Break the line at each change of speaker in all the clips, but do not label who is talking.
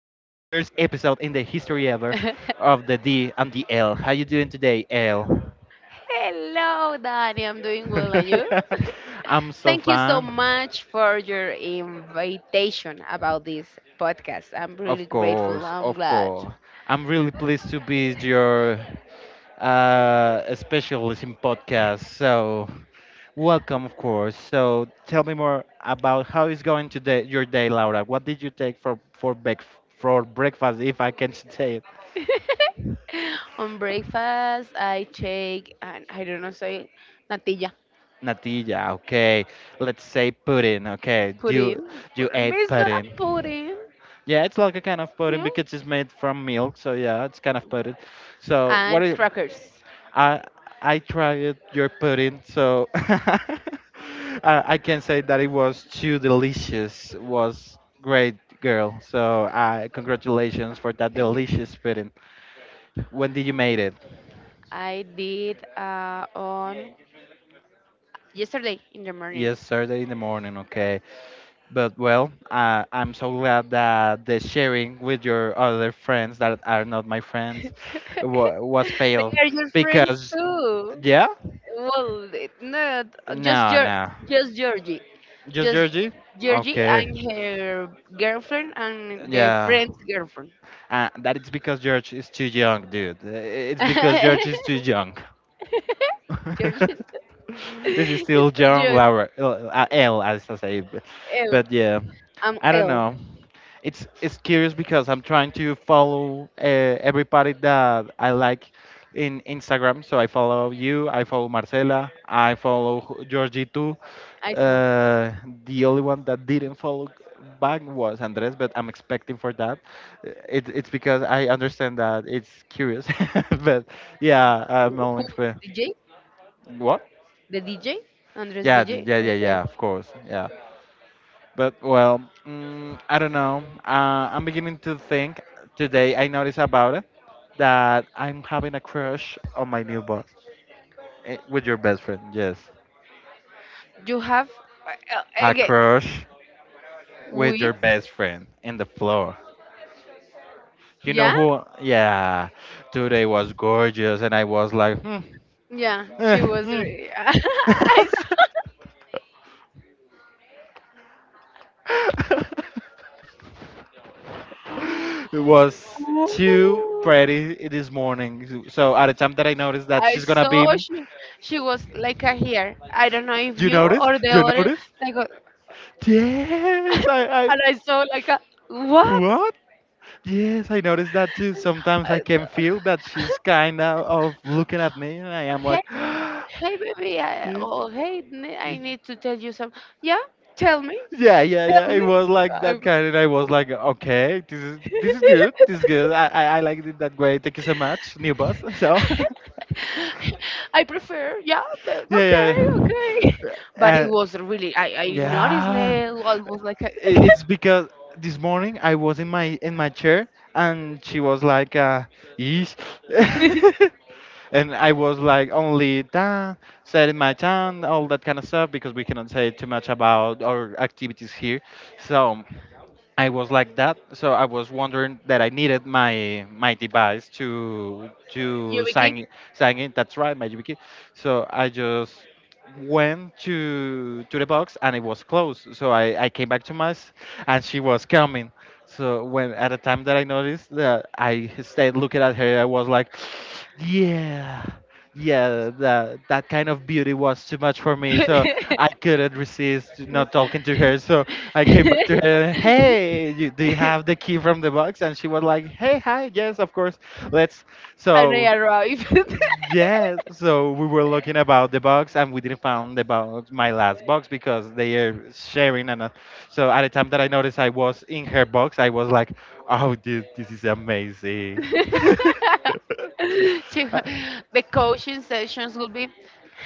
episode in the history ever of the D and the L. How you doing today, L?
Hello, Danny. I'm doing well, and you?
I'm so
Thank you so
fine.
much for your invitation about this podcast. I'm really
Of
grateful.
course,
I'm
of
glad.
course. I'm really pleased to be your specialist in podcast. So welcome, of course. So tell me more about how is going today your day, Laura. What did you take for break for breakfast, if I can say
On breakfast, I take, and I don't know, say, natilla,
Natilla, okay. Let's say pudding, okay. You
pudding,
you
pudding,
ate
But it's not a
pudding.
pudding,
Yeah, it's like a kind of
you
pudding
know,
because it's made from milk, so yeah, it's kind of pudding. So what
and
is,
crackers.
I I tried your pudding, so I can say that it was too delicious. Was great, girl. So I congratulations for that
Thank you.
delicious pudding. When did you made it?
I did on yesterday in the morning.
Yes, Saturday in the morning. Okay. But well, I'm so glad that the sharing with your other friends that are not my
They
friends wa was failed
are your friends
because,
too.
yeah,
Well, not just
no,
Geor,
no,
just Georgie,
just
just
Georgie.
Georgie and
Okay,
her girlfriend and the
yeah,
friend's girlfriend.
that it's because George is too young, dude. It's because George is too young.
Georgie
Is he
is
still
too
young,
young.
Laura? L, L, as I say,
L,
but yeah.
I'm
I don't
L.
know. It's curious because I'm trying to follow everybody that I like in Instagram. So I follow you, I follow Marcela, I follow Georgie too.
I saw
Uh, the only one that didn't follow back was Andres, but I'm expecting for that. It's because I understand that it's curious, but yeah, I'm only
who
expect.
the DJ,
What?
the DJ, Andres
Yeah, th-
DJ.
yeah, yeah,
Okay.
yeah. Of course, yeah. But well, I don't know. I'm beginning to think today. I noticed about it that I'm having a crush on my new boss. Eh, with your best friend. Yes,
You have uh,
a
again
crush with
with
your best friend in the floor. You know
yeah,
who? Yeah, today was gorgeous, and I was like, hmm,
yeah
eh,
she was
hmm.
re- I
It was too
saw,
pretty this morning. So at the time that I noticed that
I
she's gonna
saw
be
she was like a here. I don't know if
You
you
notice?
or the
You
other,
notice?
like a-
Yes,
and I saw like a
I.
what.
What? Yes, I noticed that too. Sometimes I can feel that she's kind of looking at me, and I am
Hey,
like,
baby,
yeah,
oh I need to tell you some yeah, tell me
yeah, yeah,
tell
yeah, it
me.
was like
I-
that kind, and I was like, okay, this is good, this is good. I I, I liked it that way. Thank you so much, new boss. So,
I prefer, yeah,
yeah,
okay,
yeah,
okay. But
uh,
it was really, I noticed
yeah.
now, I was like,
It's because this morning I was in my chair and she was like, "Yeesh." And I was like only down, setting my town, all that kind of stuff because we cannot say too much about our activities here. So I was like that, so I was wondering that I needed my device to
Yubiki?
sign in. That's right, my YubiKey. So I just went to the box and it was closed. So I came back to mass and she was coming. So when at the time that I noticed that I stayed looking at her, I was like, yeah. Yeah, that that kind of beauty was too much for me, so I couldn't resist not talking to her. So I came back to her and hey, you, do you have the key from the box? And she was like, hey, hi, yes, of course. Let's.
And I
So
arrived.
yes, so we were looking about the box and we didn't found the box, my last box, because they are sharing. And so at the time that I noticed I was in her box, I was like, oh, dude, this is amazing.
She-
Uh,
the coaching sessions will be,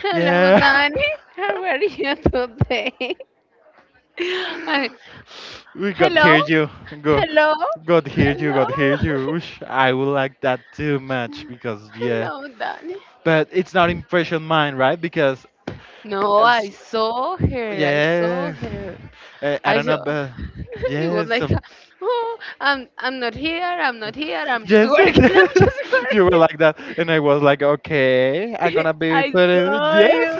"Hello,
yeah.
Danny, how are you today?" And,
We got here
"Hello,
you go.
hello,
God heard you,
hello,
God heard you. Oosh, I would like that too much because yeah,
hello, Danny."
but it's not impression mine, right? Because
No,
as,
I saw her. I saw
yeah,
her.
I
I
don't
saw.
know, but
It
yeah,
was like, "Oh, I'm not here. I'm not here. I'm just
yes,
working. I'm
yes.
just
You were
working."
like that. And I was like, okay, I'm gonna be putting, yes.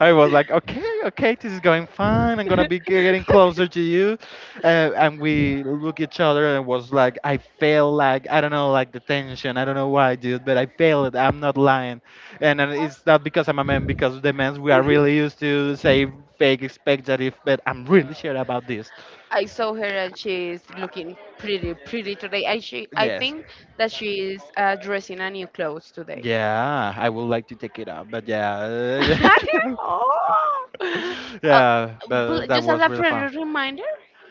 I was like, okay, okay, this is going fine. I'm gonna be getting closer to you. And we look each other and was like, I feel like, I don't know, like the tension. I don't know why, dude, but I feel it. I'm not lying. And it's not because I'm a man, because the men, we are really used to say fake expectative, but I'm really sure about this.
I saw her and she's looking pretty, pretty today. I
Yes.
think that she is dressing a new clothes today.
Yeah, I would like to take it up, but yeah.
Oh, uh,
Yeah, but that
just as
was
a
really fun.
friendly reminder,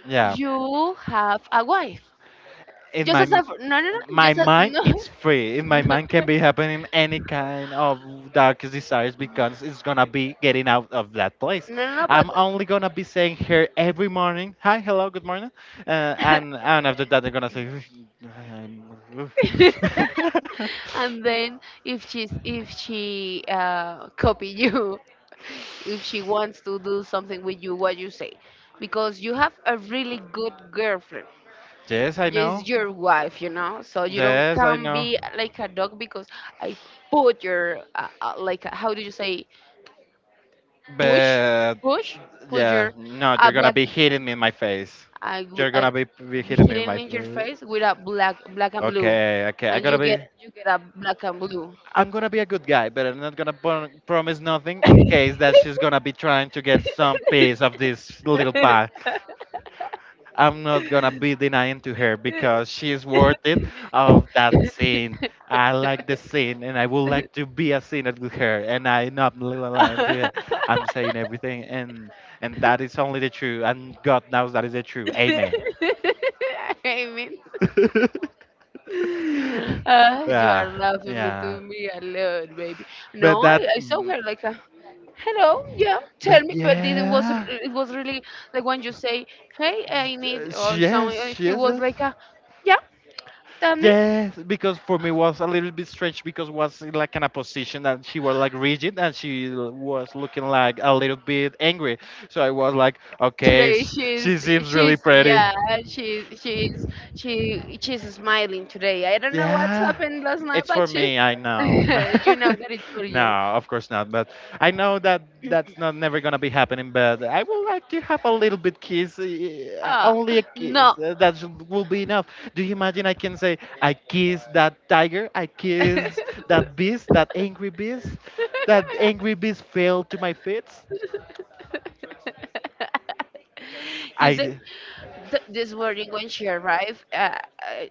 Yeah,
you have a wife.
in
Just
my
as a
m-
no,
my
just
mind,
no.
it's free. In my mind, can be happening any kind of darkest desires because it's gonna be getting out of that place.
no no no but
I'm only gonna be saying here every morning, "Hi, hello, good morning," and after that, they're gonna say, I'm-
And then if she's, if she uh, copy you, if she wants to do something with you, what you say? Because you have a really good girlfriend.
"Yes, I
Yes,
know.
your wife, so you don't
Yes, I
can
know."
be like a dog. Because I put your like how do you say, push,
But
push, push
yeah,
your
no, you're gonna
black.
be hitting me in my face. You're
I
gonna be hitting me in
hitting
my
in your
face.
face with a black and blue,
Okay, okay, I
and
gotta
you
be.
get, you get a black and blue.
I'm gonna be a good guy, but I'm not gonna promise nothing in case that she's gonna be trying to get some piece of this little pie. I'm not gonna be denying to her because she's worth it of that scene. I like the scene and I would like to be a scene with her and I'm not lying to her. I'm saying everything and that is only the truth and God knows that is the truth. Amen.
I mean, Ah, you are
Yeah,
laughing me
yeah.
to me a lot, baby. No,
But that
I saw her like, a, hello, yeah, tell
but
me. But
yeah.
it was really like when you say, hey, I need
Yes,
or yeah, something. And
yes,
she
yes.
was like, a, yeah, tell me.
Yes, because for me was a little bit strange because was in, like in a position that she was like rigid and she was looking like a little bit angry. So I was like, okay,
Today
she seems really
she's
pretty.
yeah she's she's she, she's smiling today. I don't know what
Yeah,
happened last night,
it's
but
for
she,
me. I know.
you know that it's for
No,
you.
of course not. But I know that that's not never gonna be happening. But I would like to have a little bit kiss, eh, eh,
Ah,
only a kiss.
no.
That will be enough. Do you imagine? I can say, I kiss that tiger. I kiss that beast. That angry beast. That angry beast fell to my feet.
You
I
see,
d-
this morning when she arrived,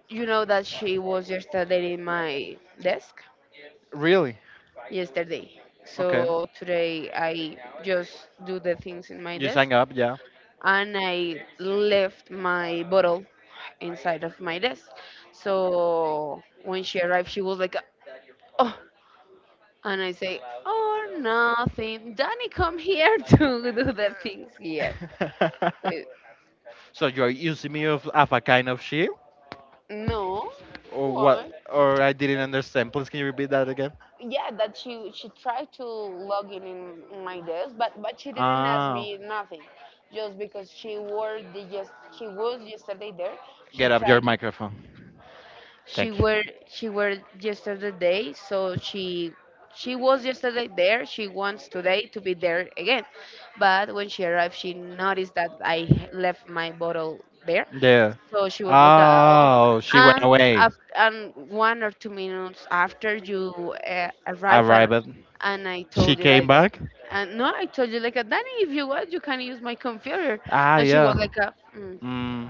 you know that she was yesterday in my desk.
Really
Yesterday,
okay.
so today I just do the things in my
You
desk,
sang up, yeah.
and I left my bottle inside of my desk. So when she arrived, she was like, "Oh," and I say, "Oh, nothing. Danny, come here to do the things here." It,
So you are using me of a kind of shit.
no.
Or
Why?
what? Or I didn't understand. Please, can you repeat that again?
Yeah, that she tried to log in in my desk, but she didn't ask
Ah,
me nothing, just because she was yesterday there. She
get up your
tried.
microphone. Thank you.
She were yesterday day, so she was yesterday there. She wants today to be there again, but when she arrived, she noticed that I left my bottle there,
Yeah.
so she was like, "Oh,"
Oh, she went
and
away.
and 1 or 2 minutes after you uh, arrive at,
Arrived.
and I
She
told you
came
like,
back.
and no, I told you like, Danny, if you want, you can use my computer.
Ah,
And she was
yeah.
like, mm,
Mm,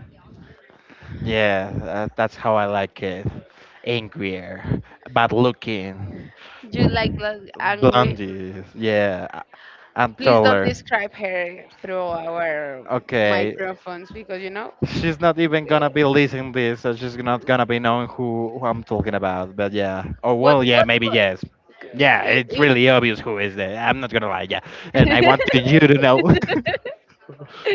yeah, that's how I like it. Angrier, bad looking,
"You like angry?
blondie. Yeah, I- I'm
Please don't
taller.
describe her through our
Okay,
microphones, because you know
she's not even gonna be listening this, so she's not gonna be knowing who I'm talking about. But yeah. Oh
what
well, yeah,
what."
maybe yes.
what
Yeah,
you.
it's really obvious who is it. I'm not gonna lie. Yeah, and I want you to know.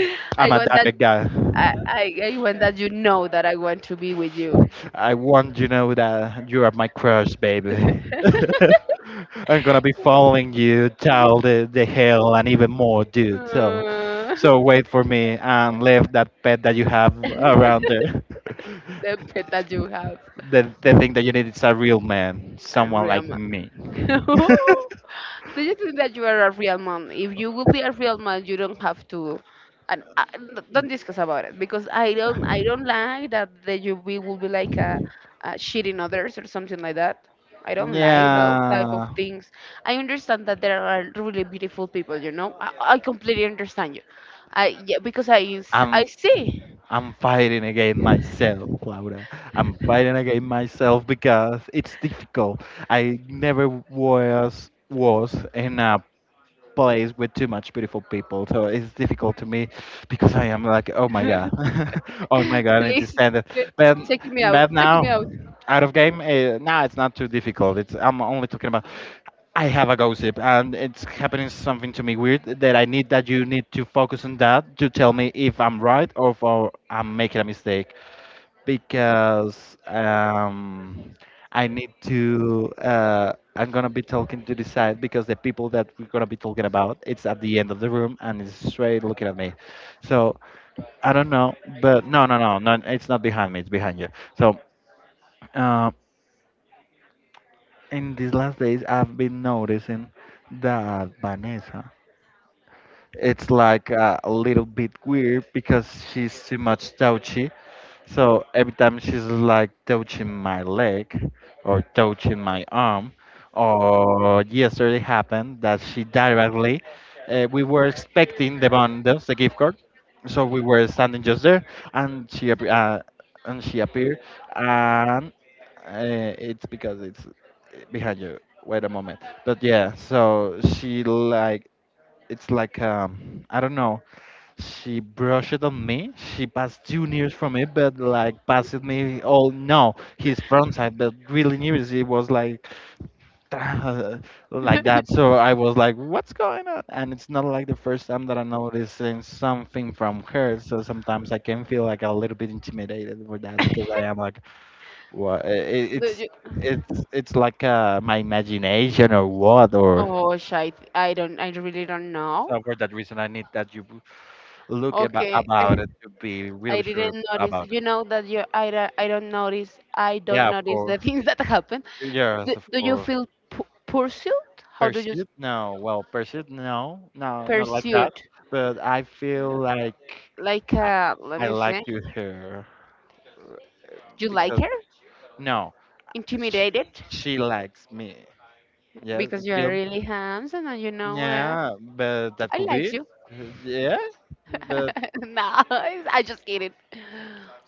I
I'm a
want that
direct guy.
I want that you know that I want to be with you.
I want you to know that you are my crush, baby. I'm gonna be following you, child, the hell, and even more, dude. So,
Uh,
so wait for me and leave that pet that you have around
the
there.
pet that you have,
They think that you need is a real man,
a
someone
real
like
man.
me.
Do you think that you are a real man? If you would be a real man, you don't have to. And don't discuss about it, because I don't. I don't like that the you be will be like a shitting others or something like that. I don't like those type of
Yeah,
things. I understand that there are really beautiful people. You know, I completely understand you. I yeah, because
I'm
I see.
I'm fighting against myself, Laura. I'm fighting against myself because it's difficult. I never was in a place with too much beautiful people so it's difficult to me because I am like, oh my god, oh my god, I need to
Please,
stand it
please,
but
take me out. Take
now
me out.
out of game, now it's not too difficult. It's I'm only talking about I have a gossip and it's happening something to me weird that I need that you need to focus on that to tell me if I'm right or if or I'm making a mistake because I need to. I'm gonna be talking to the side because the people that we're gonna be talking about, it's at the end of the room and it's straight looking at me. So I don't know, but no, no, no, no. It's not behind me. It's behind you. So uh, in these last days, I've been noticing that Vanessa it's like a little bit weird because she's too much touchy. So every time she's like touching my leg or touching my arm, or yesterday happened that she directly, we were expecting the bundles, the gift card, so we were standing just there, and she appeared, and uh, it's because it's behind you. Wait a moment, but yeah, so she like it's like I don't know. She brushed it on me. She passed two nears from me, but like passed me all no his front side, but really near it was like like that. So I was like, what's going on? And it's not like the first time that I noticing something from her. So sometimes I can feel like a little bit intimidated with that because I am like, what?
Do
It's
you—
it's it's like my imagination or what or.
oh, shit. I don't, I really don't know.
So for that reason, I need that you look about
Okay,
about it to be
I
really sure
didn't notice.
about it.
You know that you, I don't notice. I don't
Yeah, of
notice
course.
the things that happen.
Yes, of
Do you
course.
feel pursued? How do you
Pursuit? No. Well, pursuit? No. No, not like that.
pursued?
But I feel like
Like,
I,
let
I
me
like
see.
to her
You like
because
her?
no, she,
Intimidated?
she likes me. Yes, you
Because you are
feel?
really handsome and you know,
Yeah, but that
I
could
like
be.
you.
Yes, but
No, I just kidding.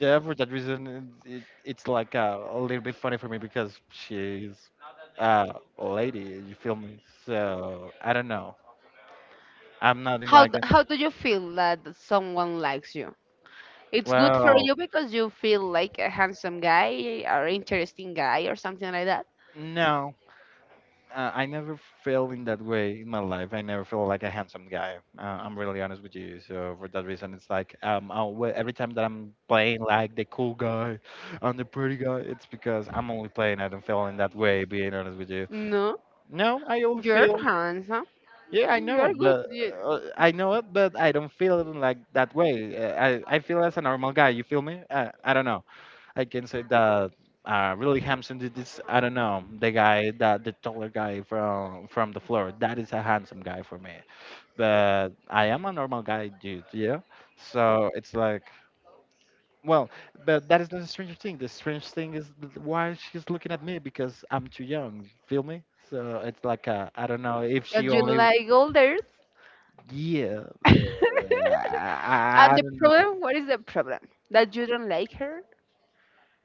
yeah, for that reason, it's like a little bit funny for me because she's uh, a lady, you feel me? So I don't know. I'm not in like a,
How do you feel that someone likes you? It's good for
well,
you because you feel like a handsome guy or interesting guy or something like that.
no. I never felt in that way in my life. I never felt like a handsome guy. I'm really honest with you. So for that reason, it's like every time that I'm playing like the cool guy and the pretty guy, it's because I'm only playing. I don't feel in that way. Being honest with you.
No,
No, I only
you're
feel
handsome.
yeah, I know,
You're good.
but
You,
I know it, but I don't feel like that way. Uh, I feel as a normal guy. You feel me? I don't know. I can say that really handsome dude is I don't know the guy that the taller guy from the floor. That is a handsome guy for me. But I am a normal guy, dude. Yeah. So it's like well, but that is not a strange thing. The strange thing is why she's looking at me because I'm too young. Feel me? So it's like I don't know if she
but you
only
like others.
yeah,
And
I
the
don't know.
problem, what is the problem? That you don't like her?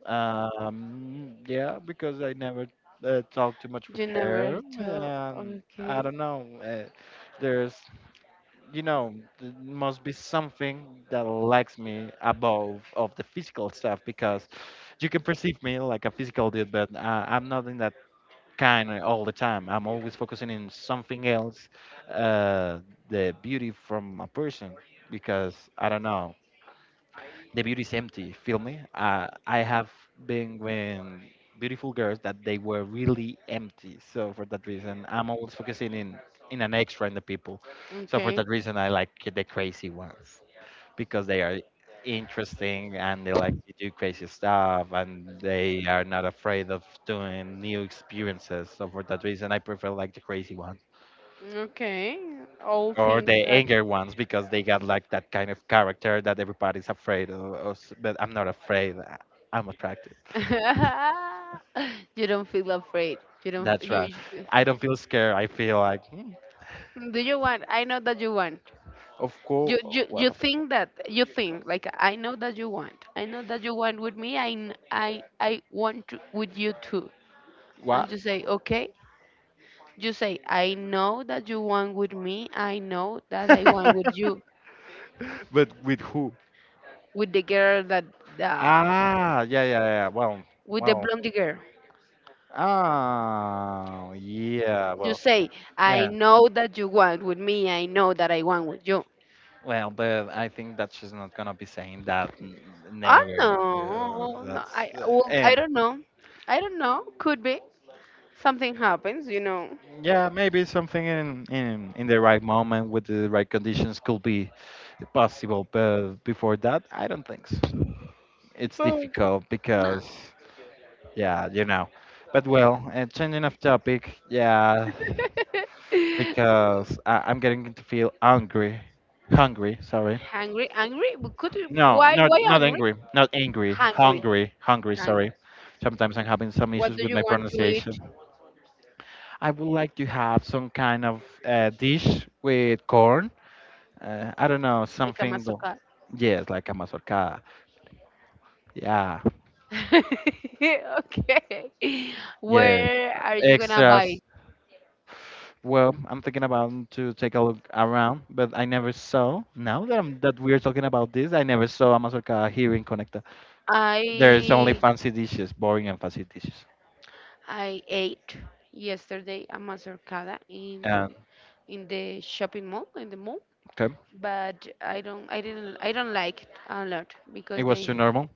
Yeah, because I never talked too much with
You never
her.
talk.
Um, I
Okay.
don't know. There's, you know, there must be something that likes me above of the physical stuff because you can perceive me like a physical dude, but I'm not in that kind all the time. I'm always focusing in something else, uh, the beauty from a person because I don't know. The beauty is empty, feel me? I have been with beautiful girls that they were really empty, so for that reason I'm always focusing in an extra in the people, so for
Okay.
that reason I like the crazy ones because they are interesting and they like to do crazy stuff and they are not afraid of doing new experiences, so for that reason I prefer like the crazy ones
Okay. All
or
things.
the anger ones because they got like that kind of character that everybody's afraid of, but I'm not afraid. I'm attracted.
You don't feel afraid. You don't. F-
That's right,
You
I don't feel scared, I feel like hmm,
feel— do you want? I know that you want.
of course. What
You
happened?
think that you think like I know that you want. I know that you want with me. I want to, with you too.
What?
And you say okay. You say I know that you want with me. I know that I want with you
But with who?
with the girl that the
Ah, yeah, yeah, yeah, well,
with the
well,
blonde girl.
ah, yeah,
You
well,
say I
yeah,
know that you want with me. I know that I want with you.
well, but I think that she's not gonna be saying that
Oh
never. Yeah,
no, no.
that's
I well, I
and
don't know. I don't know. Could be something happens, you know.
yeah, maybe something in, in the right moment with the right conditions could be possible, but before that, I don't think so. It's
Oh.
difficult
No.
because, yeah, you know. But well, changing of topic, yeah, because I'm getting to feel hungry. Sorry,
Hungry, angry? We could you—
no,
why
not
angry?
angry, not angry,
Hungry,
hungry.
hungry.
Sorry. Sometimes I'm having some
What
issues
do
with
you
my
want to eat?
pronunciation. I would like to have some kind of dish with corn. I don't know,
Like a
something.
mastercard.
Yes, like a mazorcada. Yeah,
Okay.
yeah.
Where are you gonna buy?
Extras. Well, I'm thinking about to take a look around, but I never saw. Now that I'm that we're talking about this, I never saw a mazorcada here in Conecta. There's only
I
fancy dishes, boring and fancy dishes.
I ate yesterday a mazorcada
And
in the shopping mall, in the mall,
okay,
but I don't like it a lot
it
because
was too normal.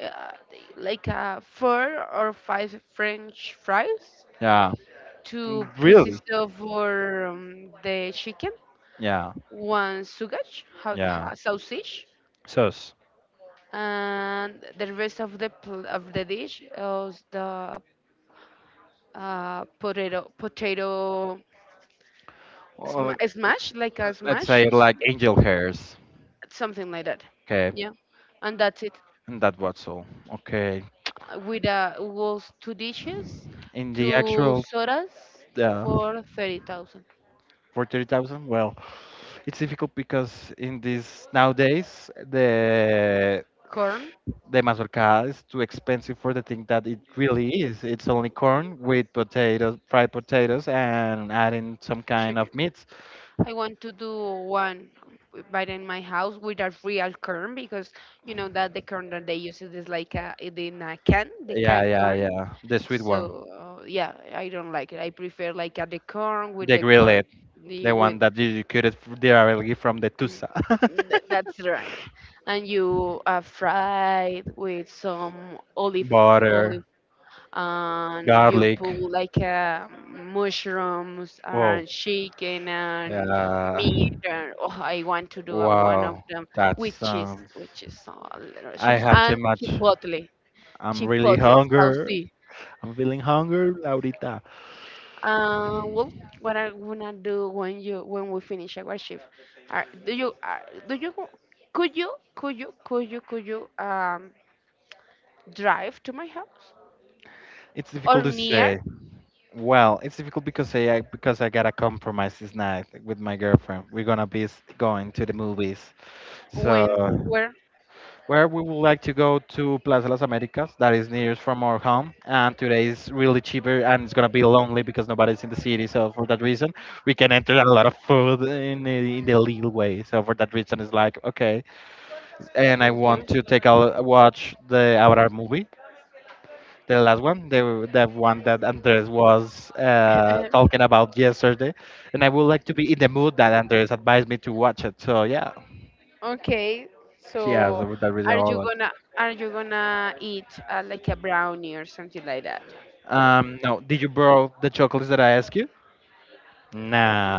they like four or five French fries,
Yeah, mm,
two
really.
pieces of or, the chicken,
Yeah,
one sausage,
yeah.
sausage,
Sauce.
and the rest of of the dish was the potato,
Well,
smash, like a
let's
smash,
say like angel hairs.
something like that.
Okay,
Yeah, and that's it.
and that was all. Okay,
Uh, with was two dishes,
in the
two
actual.
sodas
Yeah.
for 30,000.
For 30,000? Well, it's difficult because in this nowadays
Corn,
the mazorca is too expensive for the thing that it really is. It's only corn with potatoes, fried potatoes, and adding some kind
chicken.
of meats.
I want to do one but in my house with a real corn, because you know that the corn that they use it is like a, it in a can, the
Yeah,
can
yeah,
corn.
yeah. The sweet one,
So yeah, I don't like it. I prefer like a the corn with
the
the corn,
grilled,
the,
the one
with
that you cut it directly from the tusa.
th- that's right, and you fry it with some olive, olive,
Butter,
and you
garlic.
put like mushrooms
Whoa.
and chicken and meat.
Yeah.
And, oh, I want to do a, one of
Wow.
them
That sounds.
with cheese, so a little
I
chips,
have too
and
much.
chipotle,
I'm really
chipotle,
hunger.
saucy.
I'm feeling hunger, Laurita.
Well, what are we gonna do when you, when we finish our shift? Are, do you could you drive to my house
It's
or
difficult to
near,
say. Well, it's difficult because I gotta compromise this night with my girlfriend. We're gonna be going to the movies.
when,
So
where?
where we would like to go to Plaza Las Americas, that is nearest from our home, and today is really cheaper and it's gonna be lonely because nobody's in the city. So for that reason, we can enter a lot of food in the legal way. So for that reason, it's like okay. And I
Okay.
want to take a watch the Avatar movie, the last one, the one that Andres was talking about yesterday, and I would like to be in the mood that Andres advised me to watch it. So yeah,
Okay,
yeah, so
so
for that reason I
are you
like.
gonna are you gonna eat like a brownie or something like that?
No, did you borrow the chocolates that I asked you?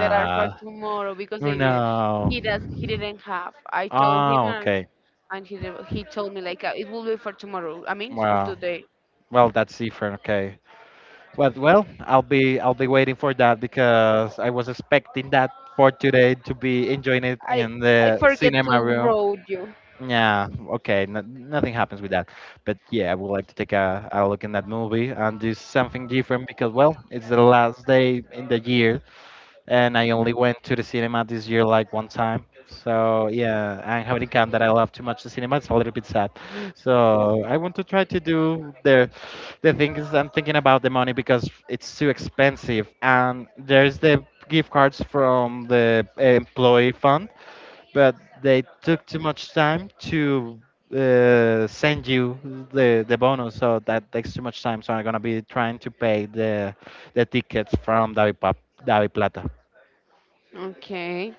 That are for tomorrow because they did,
no.
he didn't have. I told him,
Oh, okay.
and he he told me like it will be for tomorrow. I mean for
Well,
today.
well, that's different. Okay. But well, I'll be waiting for that because I was expecting that for today to be enjoying it
I
in
I
the
forget to
cinema room.
road you.
Yeah, okay, no, nothing happens with that. But yeah, I would like to take a look in that movie and do something different because, well, it's the last day in the year and I only went to the cinema this year like one time. So yeah, and having come that I love too much the cinema, it's a little bit sad. So I want to try to do the thing is I'm thinking about the money because it's too expensive and there's the gift cards from the employee fund, but they took too much time to send you the bonus, so that takes too much time. So I'm gonna be trying to pay the tickets from Davi Plata.
Okay.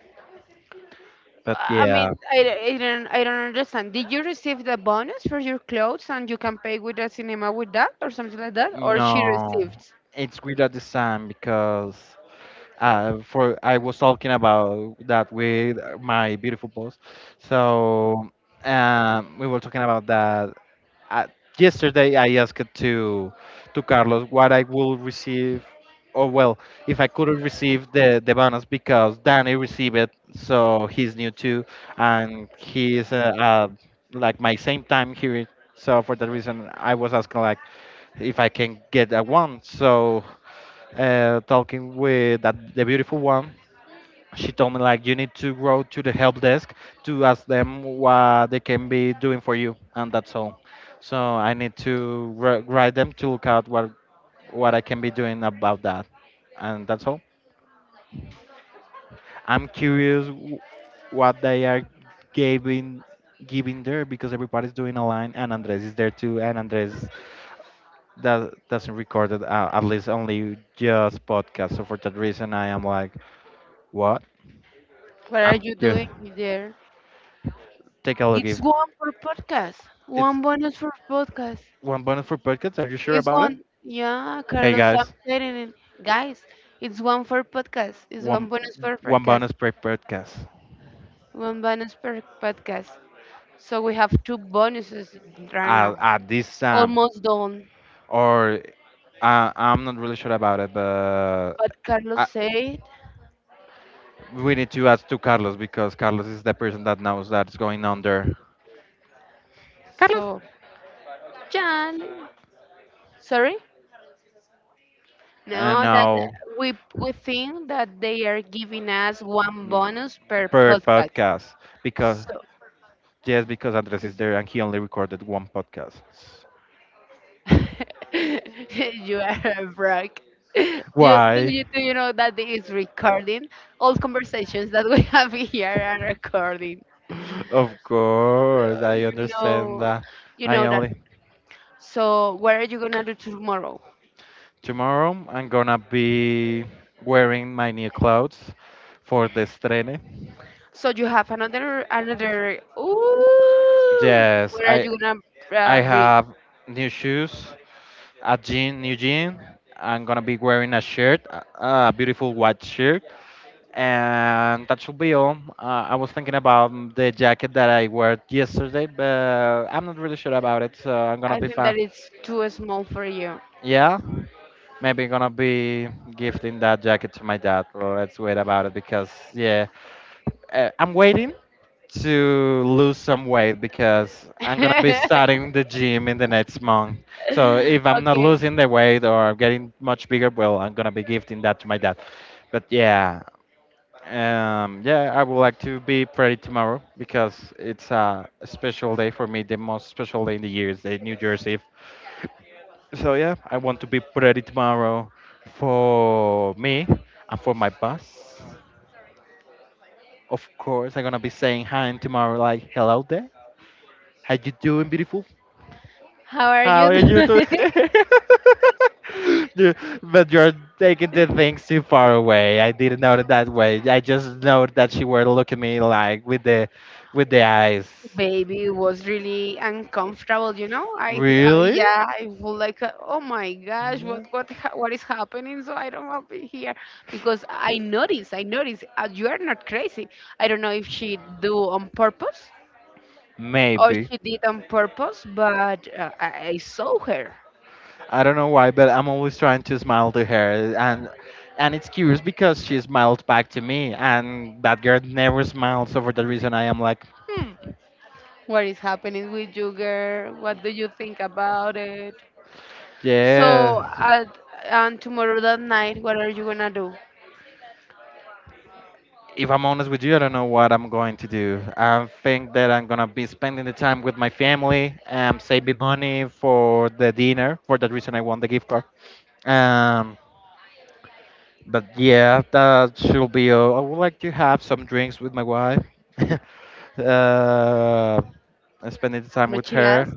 But
I mean
yeah,
I don't, I don't understand. Did you receive the bonus for your clothes and you can pay with the cinema with that or something like that? Or she
no,
received?
it's weird at this time because for I was talking about that with my beautiful boss. So we were talking about that uh, yesterday I asked to Carlos what I will receive, or well, if I couldn't receive the bonus because Danny received it, so he's new too, and he's like my same time here. So for that reason, I was asking like if I can get a one. So talking with that the beautiful one, she told me like you need to go to the help desk to ask them what they can be doing for you and that's all, so I need to write them to look out what I can be doing about that and that's all. I'm curious what they are giving giving there because everybody's doing a line and Andres is there too and Andres that doesn't record it at least only just podcast, so for that reason I am like what
What are
I'm
you
curious,
doing there?
take a look if
It's one for podcast.
it's
One bonus for podcast.
one bonus for podcasts? Are you sure
It's
about it?
one. Yeah,
Hey
Carlos, I'm
guys,
saying it. Guys, it's one for podcast. It's
one
one bonus for
one
podcast.
bonus per podcast,
One bonus per podcast. So we have two bonuses right now.
at this time.
Almost done.
Or I'm not really sure about it, but
But Carlos
I,
said
we need to ask to Carlos because Carlos is the person that knows that's going on there.
so. Jan, sorry.
And
No, that
now
we think that they are giving us one
mm,
bonus per
per
podcast.
podcast because
So.
yes, because Andres is there and he only recorded one podcast.
You are a brag. You,
Why?
do you know that this is recording? All conversations that we have here are recording.
Of course,
So
I
you
understand
know,
that.
you
I
know that.
only
So what are you gonna do tomorrow?
tomorrow I'm gonna be wearing my new clothes for the estrene.
So you have another, another. Ooh,
Yes,
what are you gonna
I
bring?
have new shoes, a jean, new jean. I'm gonna be wearing a shirt, a beautiful white shirt. And that should be all. I was thinking about mm, the jacket that I wore yesterday, but I'm not really sure about it, so I'm gonna
I
be
think that
fine.
it's too small for you.
Yeah, maybe gonna be gifting that jacket to my dad. Let's wait about it because, yeah, I'm waiting to lose some weight because I'm gonna be
I'm
starting the gym in the next month. So if I'm not losing the weight or getting much bigger, well, I'm gonna be gifting that to my dad. But yeah, yeah, I would like to be ready tomorrow because it's a special day for me, the most special day in the year is the New Year's Eve. So yeah, I want to be ready tomorrow for me and for my boss. Of course, I'm gonna be saying hi tomorrow, like hello there, how you doing, beautiful?
How are
How
you
are you
doing?
today? You- but you're taking the things too far away. I didn't know it that way. I just know that she were looking me like with the eyes.
Baby, it was really uncomfortable, you know? I th
Really?
yeah, I feel like oh my gosh,
Yeah.
what ha what is happening? So I don't want to be here because I notice you are not crazy. I don't know if she do on purpose or she
Maybe.
did on purpose, but I saw her.
I don't know why, but I'm always trying to smile to her, and it's curious because she smiled back to me, and that girl never smiles. So for that reason, I am like,
What is happening with you, girl? What do you think about it?
yeah.
So, at, and tomorrow that night, what are you gonna do?
If I'm honest with you, I don't know what I'm going to do. I think that I'm gonna be spending the time with my family, saving money for the dinner. For that reason, I want the gift card. Um, but yeah, that should be. All. I would like to have some drinks with my wife. uh, and spending the time with her.
Mochiladas,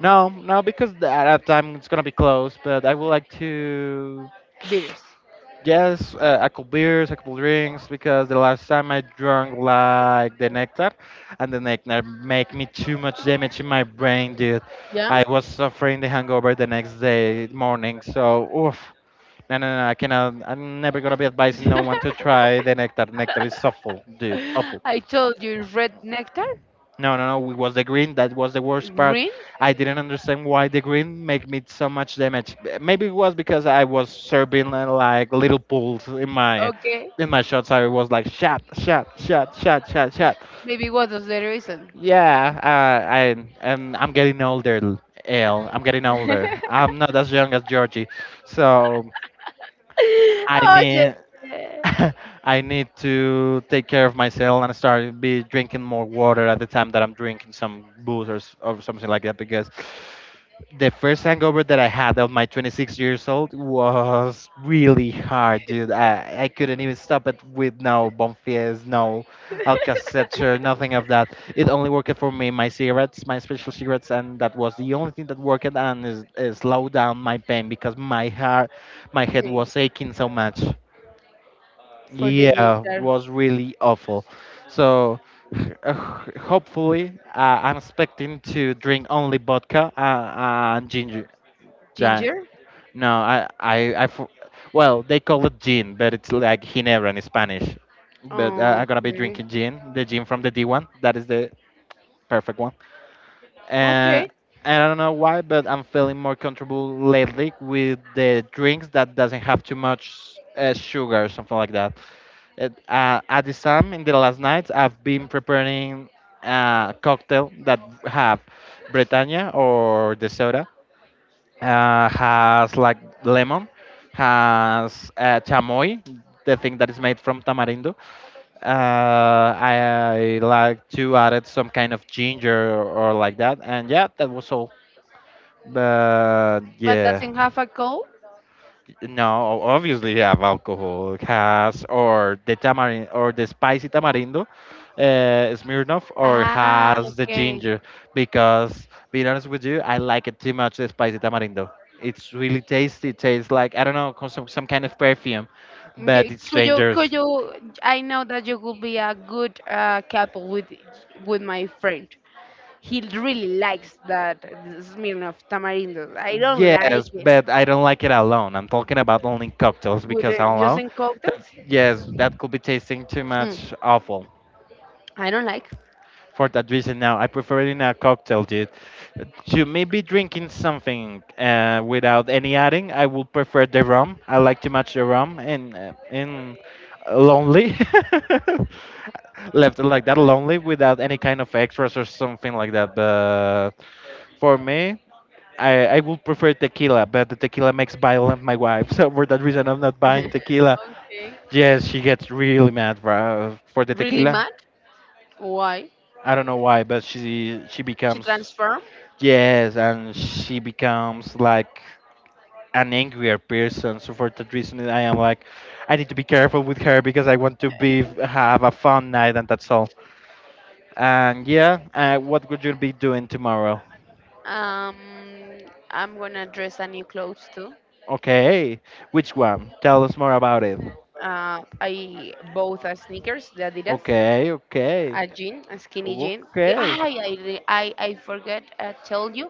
No, no, because at that time it's gonna be close. But I would like to.
beers.
Yes, a couple beers, a couple drinks, because the last time I drank like the nectar, and the nectar make me too much damage in my brain, dude.
Yeah?
I was suffering the hangover the next day morning, so oof. No, no, no, I cannot. I'm never gonna be advising no one to try the nectar. Nectar is awful, dude, awful.
I told you red nectar,
No, no, no. It was the green. That was the worst part.
green.
I didn't understand why the green made me so much damage. Maybe it was because I was serving like little pools
Okay,
in my shots. I was like shot, shot, shot, shot, shot, shot.
maybe what was the reason?
Yeah, I and I'm getting older. L. I'm getting older. I'm not as young as Georgie, so I
Oye.
need. I need to take care of myself and start be drinking more water at the time that I'm drinking some booze or something like that because the first hangover that I had of my 26 years old was really hard, dude. I couldn't even stop it with no Bonfies, no Alka-Seltzer, nothing of that. It only worked for me my cigarettes, my special cigarettes, and that was the only thing that worked and is slow down my pain because my heart, my head
Mm,
was aching so much.
for the
Yeah,
nectar.
was really awful. So, hopefully, I'm expecting to drink only vodka and ginger. ja-
Ginger?
No, well, they call it gin, but it's like ginebra in Spanish. But I'm gonna be
Okay.
drinking gin, the gin from the D1. That is the perfect one. And
Okay.
I don't know why, but I'm feeling more comfortable lately with the drinks that doesn't have too much sugar or something like that. At the time in the last nights, I've been preparing a cocktail that have Britannia or the soda, has like lemon, has chamoy, the thing that is made from tamarindo. Like to add it some kind of ginger or, like that, and yeah, that was all. But
But
yeah.
doesn't have a cold?
No, obviously have alcohol. It has or the tamarind or the spicy tamarindo, Smirnoff, or
Ah,
has the
okay.
ginger. Because being honest with you, I like it too much. The spicy tamarindo. It's really tasty. It tastes like I don't know, some kind of perfume,
Yeah,
but it's
could you,
dangerous.
could you, I know that you could be a good couple with my friend. He really likes that smell of tamarind. I don't
Yes,
like it.
but I don't like it alone. I'm talking about only cocktails
Would
because
it,
alone,
using
that,
cocktails?
yes, that could be tasting too
Hmm,
much awful.
I don't like.
For that reason now I prefer it in a cocktail, dude. To maybe drinking something without any adding, I would prefer the rum. I like too much the rum, and in lonely left like that lonely without any kind of extras or something like that. But for me, I would prefer tequila, but the tequila makes violent my wife. So for that reason, I'm not buying tequila.
Okay.
Yes, she gets really mad for the
Really
tequila.
mad. Why?
I don't know why, but she
She
becomes.
transform.
Yes, and she becomes like an angrier person. So for that reason, I am like, I need to be careful with her because I want to be have a fun night, and that's all. And yeah, what would you be doing tomorrow?
Um, I'm gonna dress a new clothes too.
Okay, which one? Tell us more about it.
I bought a sneakers, the Adidas,
Okay, okay,
a jean, a skinny jean.
okay.
I forget I told you,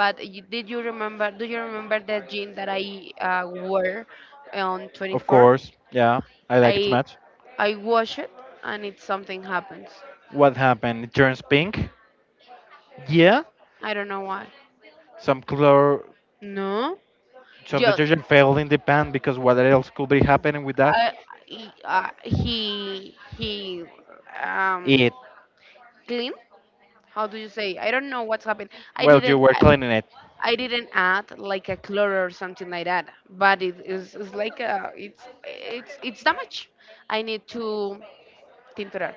but you, did you remember? Do you remember that jean that I wore on
Of
24?
course, yeah, I like it too
I
much.
I wash it and it something happens.
What happened? It turns pink. Yeah,
I don't know why.
some color,
No.
some
Just
detergent failed in the pan because what else could be happening with that?
uh, he um
It.
clean. How do you say? I don't know what's happened. i
Well, you
didn't
were
i,
cleaning it.
I didn't add like a color or something like that, but it is, it's like a, it's damage. I need to tinturar,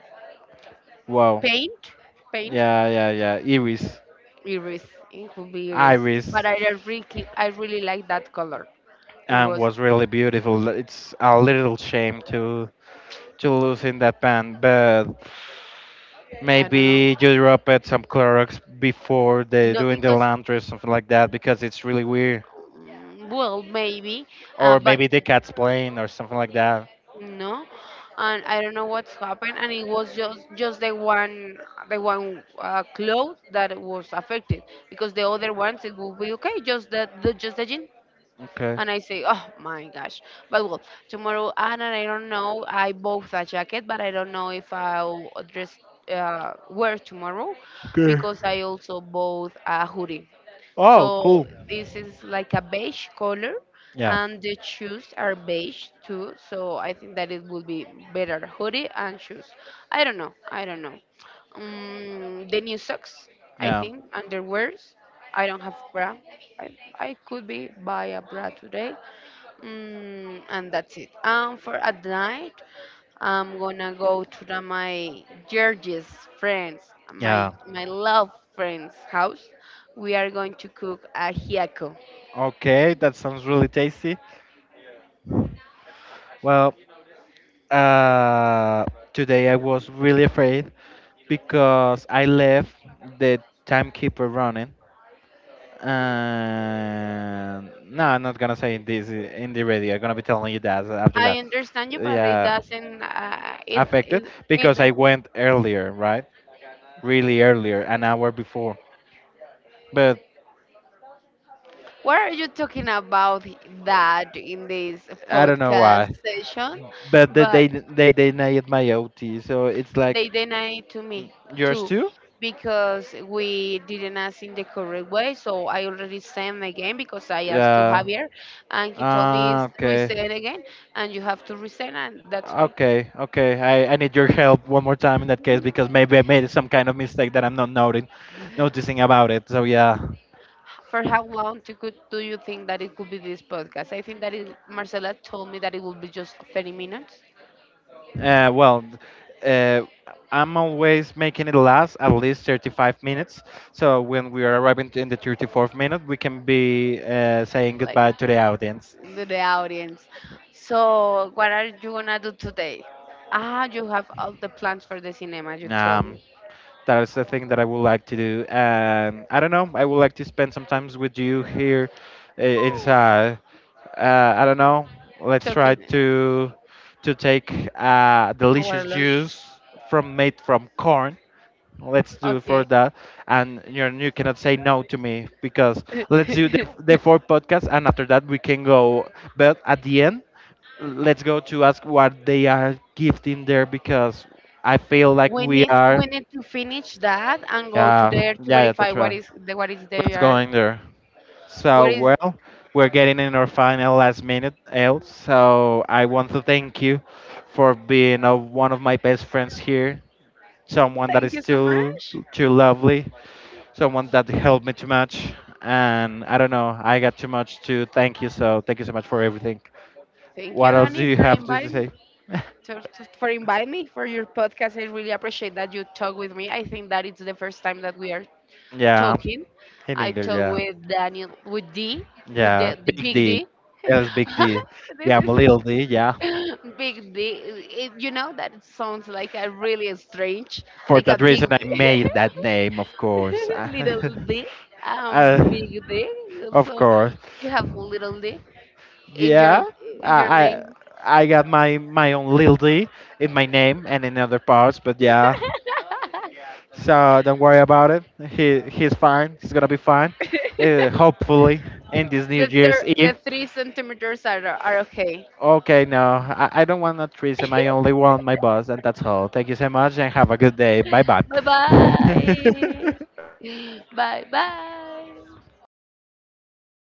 Wow.
paint, paint,
Yeah, yeah, yeah. Iris.
iris. It could be iris, but
Iris.
I don't really. I really like that color. It
And
was.
was really beautiful. It's a little shame to lose in that pan, but
I don't know.
maybe you drop it some Clorox before they
Not
doing the
because,
laundry or something like that because it's really weird.
mm, well maybe,
Or
but
maybe the cat's playing or something like that.
no. And I don't know what's happened, and it was just just the one clothes that was affected because the other ones it will be okay. Just the just the jean.
Okay.
And I say, oh my gosh. But well, tomorrow, and I don't know, I bought a jacket, but I don't know if I'll dress, wear tomorrow, because I also bought a hoodie.
Oh,
So
cool.
this is like a beige color,
Yeah,
and the shoes are beige too. So I think that it would be better hoodie and shoes. I don't know. I don't know. The new socks, I
yeah,
think, underwears. I don't have bra. I, I could be buy a bra today. Mm, and that's it. For at night, I'm gonna go to the, my George's friends, my
yeah.
my love friend's house. We are going to cook a ajiaco.
Okay, that sounds really tasty. Well, Uh, today I was really afraid because I left the timekeeper running. And no, I'm not gonna say this in the radio. I'm gonna be telling you that after
I
that.
understand you, but it
Yeah,
doesn't. It,
affected
it
because I
it.
went earlier, right? Really earlier, an hour before. But
What are you talking about that in this
I don't know
podcast
why.
session?
But they
But
they, they denied my OT, so it's like,
they denied to
"Mm,
me
yours
too
too.
because we didn't ask in the correct way. So I already sent again because I asked to
Yeah.
Javier, and he told me,
Ah,
"It's
okay.
reset again, and you have to resend, and that's okay."
Okay, okay. I need your help one more time in that case because maybe I made some kind of mistake that I'm not noting, noticing about it. So yeah.
For how long to could, do you think that it could be this podcast? I think that it, Marcela told me that it will be just 30 minutes,
Well, uh, I'm always making it last at least 35 minutes. So when we are arriving to- in the 34th minute, we can be saying
like
goodbye to the audience.
the audience. So what are you gonna do today? Ah, you have all the plans for the cinema, you told
Um,
me.
That is the thing that I would like to do. And I don't know, I would like to spend some times with you here inside. I don't know. Let's try
Talking
to take
our
delicious
lunch.
juice from made from corn. Let's do it for
Okay.
that. And you know, you cannot say no to me because let's do the, the four podcasts, and after that we can go. But at the end, let's go to ask what they are gifting there because I feel like we are.
We need to finish that and go to
Yeah,
there to
yeah, yeah,
verify
that's
what
right.
is the what is
What's
there
going there? So,
what is.
well, we're getting in our final last minute, El. So, I want to thank you for being one of my best friends here. Someone that
Thank
is
you so
too
much.
too lovely. Someone that helped me too much. And I don't know, I got too much to thank you. So, thank you so much for everything.
Thank you,
What else do
Danny,
you
for
have to
inviting me
say?
to, for inviting me for your podcast. I really appreciate that you talk with me. I think that it's the first time that we are
Yeah,
talking.
in
I
English,
talk
yeah.
with Daniel, with
Yeah,
the
Big
big
D.
D.
Yes, Big D.
this
Yeah, I'm
is
a little D, yeah.
big D. It, you know that it sounds like a really strange,
For
like a
that
big
reason, I
D.
made that name, of course.
little D. Um,
uh,
big D.
of
So
course.
you have little D in your
Yeah,
in
I,
your name.
I I got my my own Lil D in my name and in other parts, but yeah. So don't worry about it. He he's fine. He's gonna be fine. Hopefully in this New Year's Eve.
The three centimeters are okay.
Okay, no, I don't want a threesome. I only want my boss, and that's all. Thank you so much, and have a good day. Bye bye.
Bye bye. Bye bye.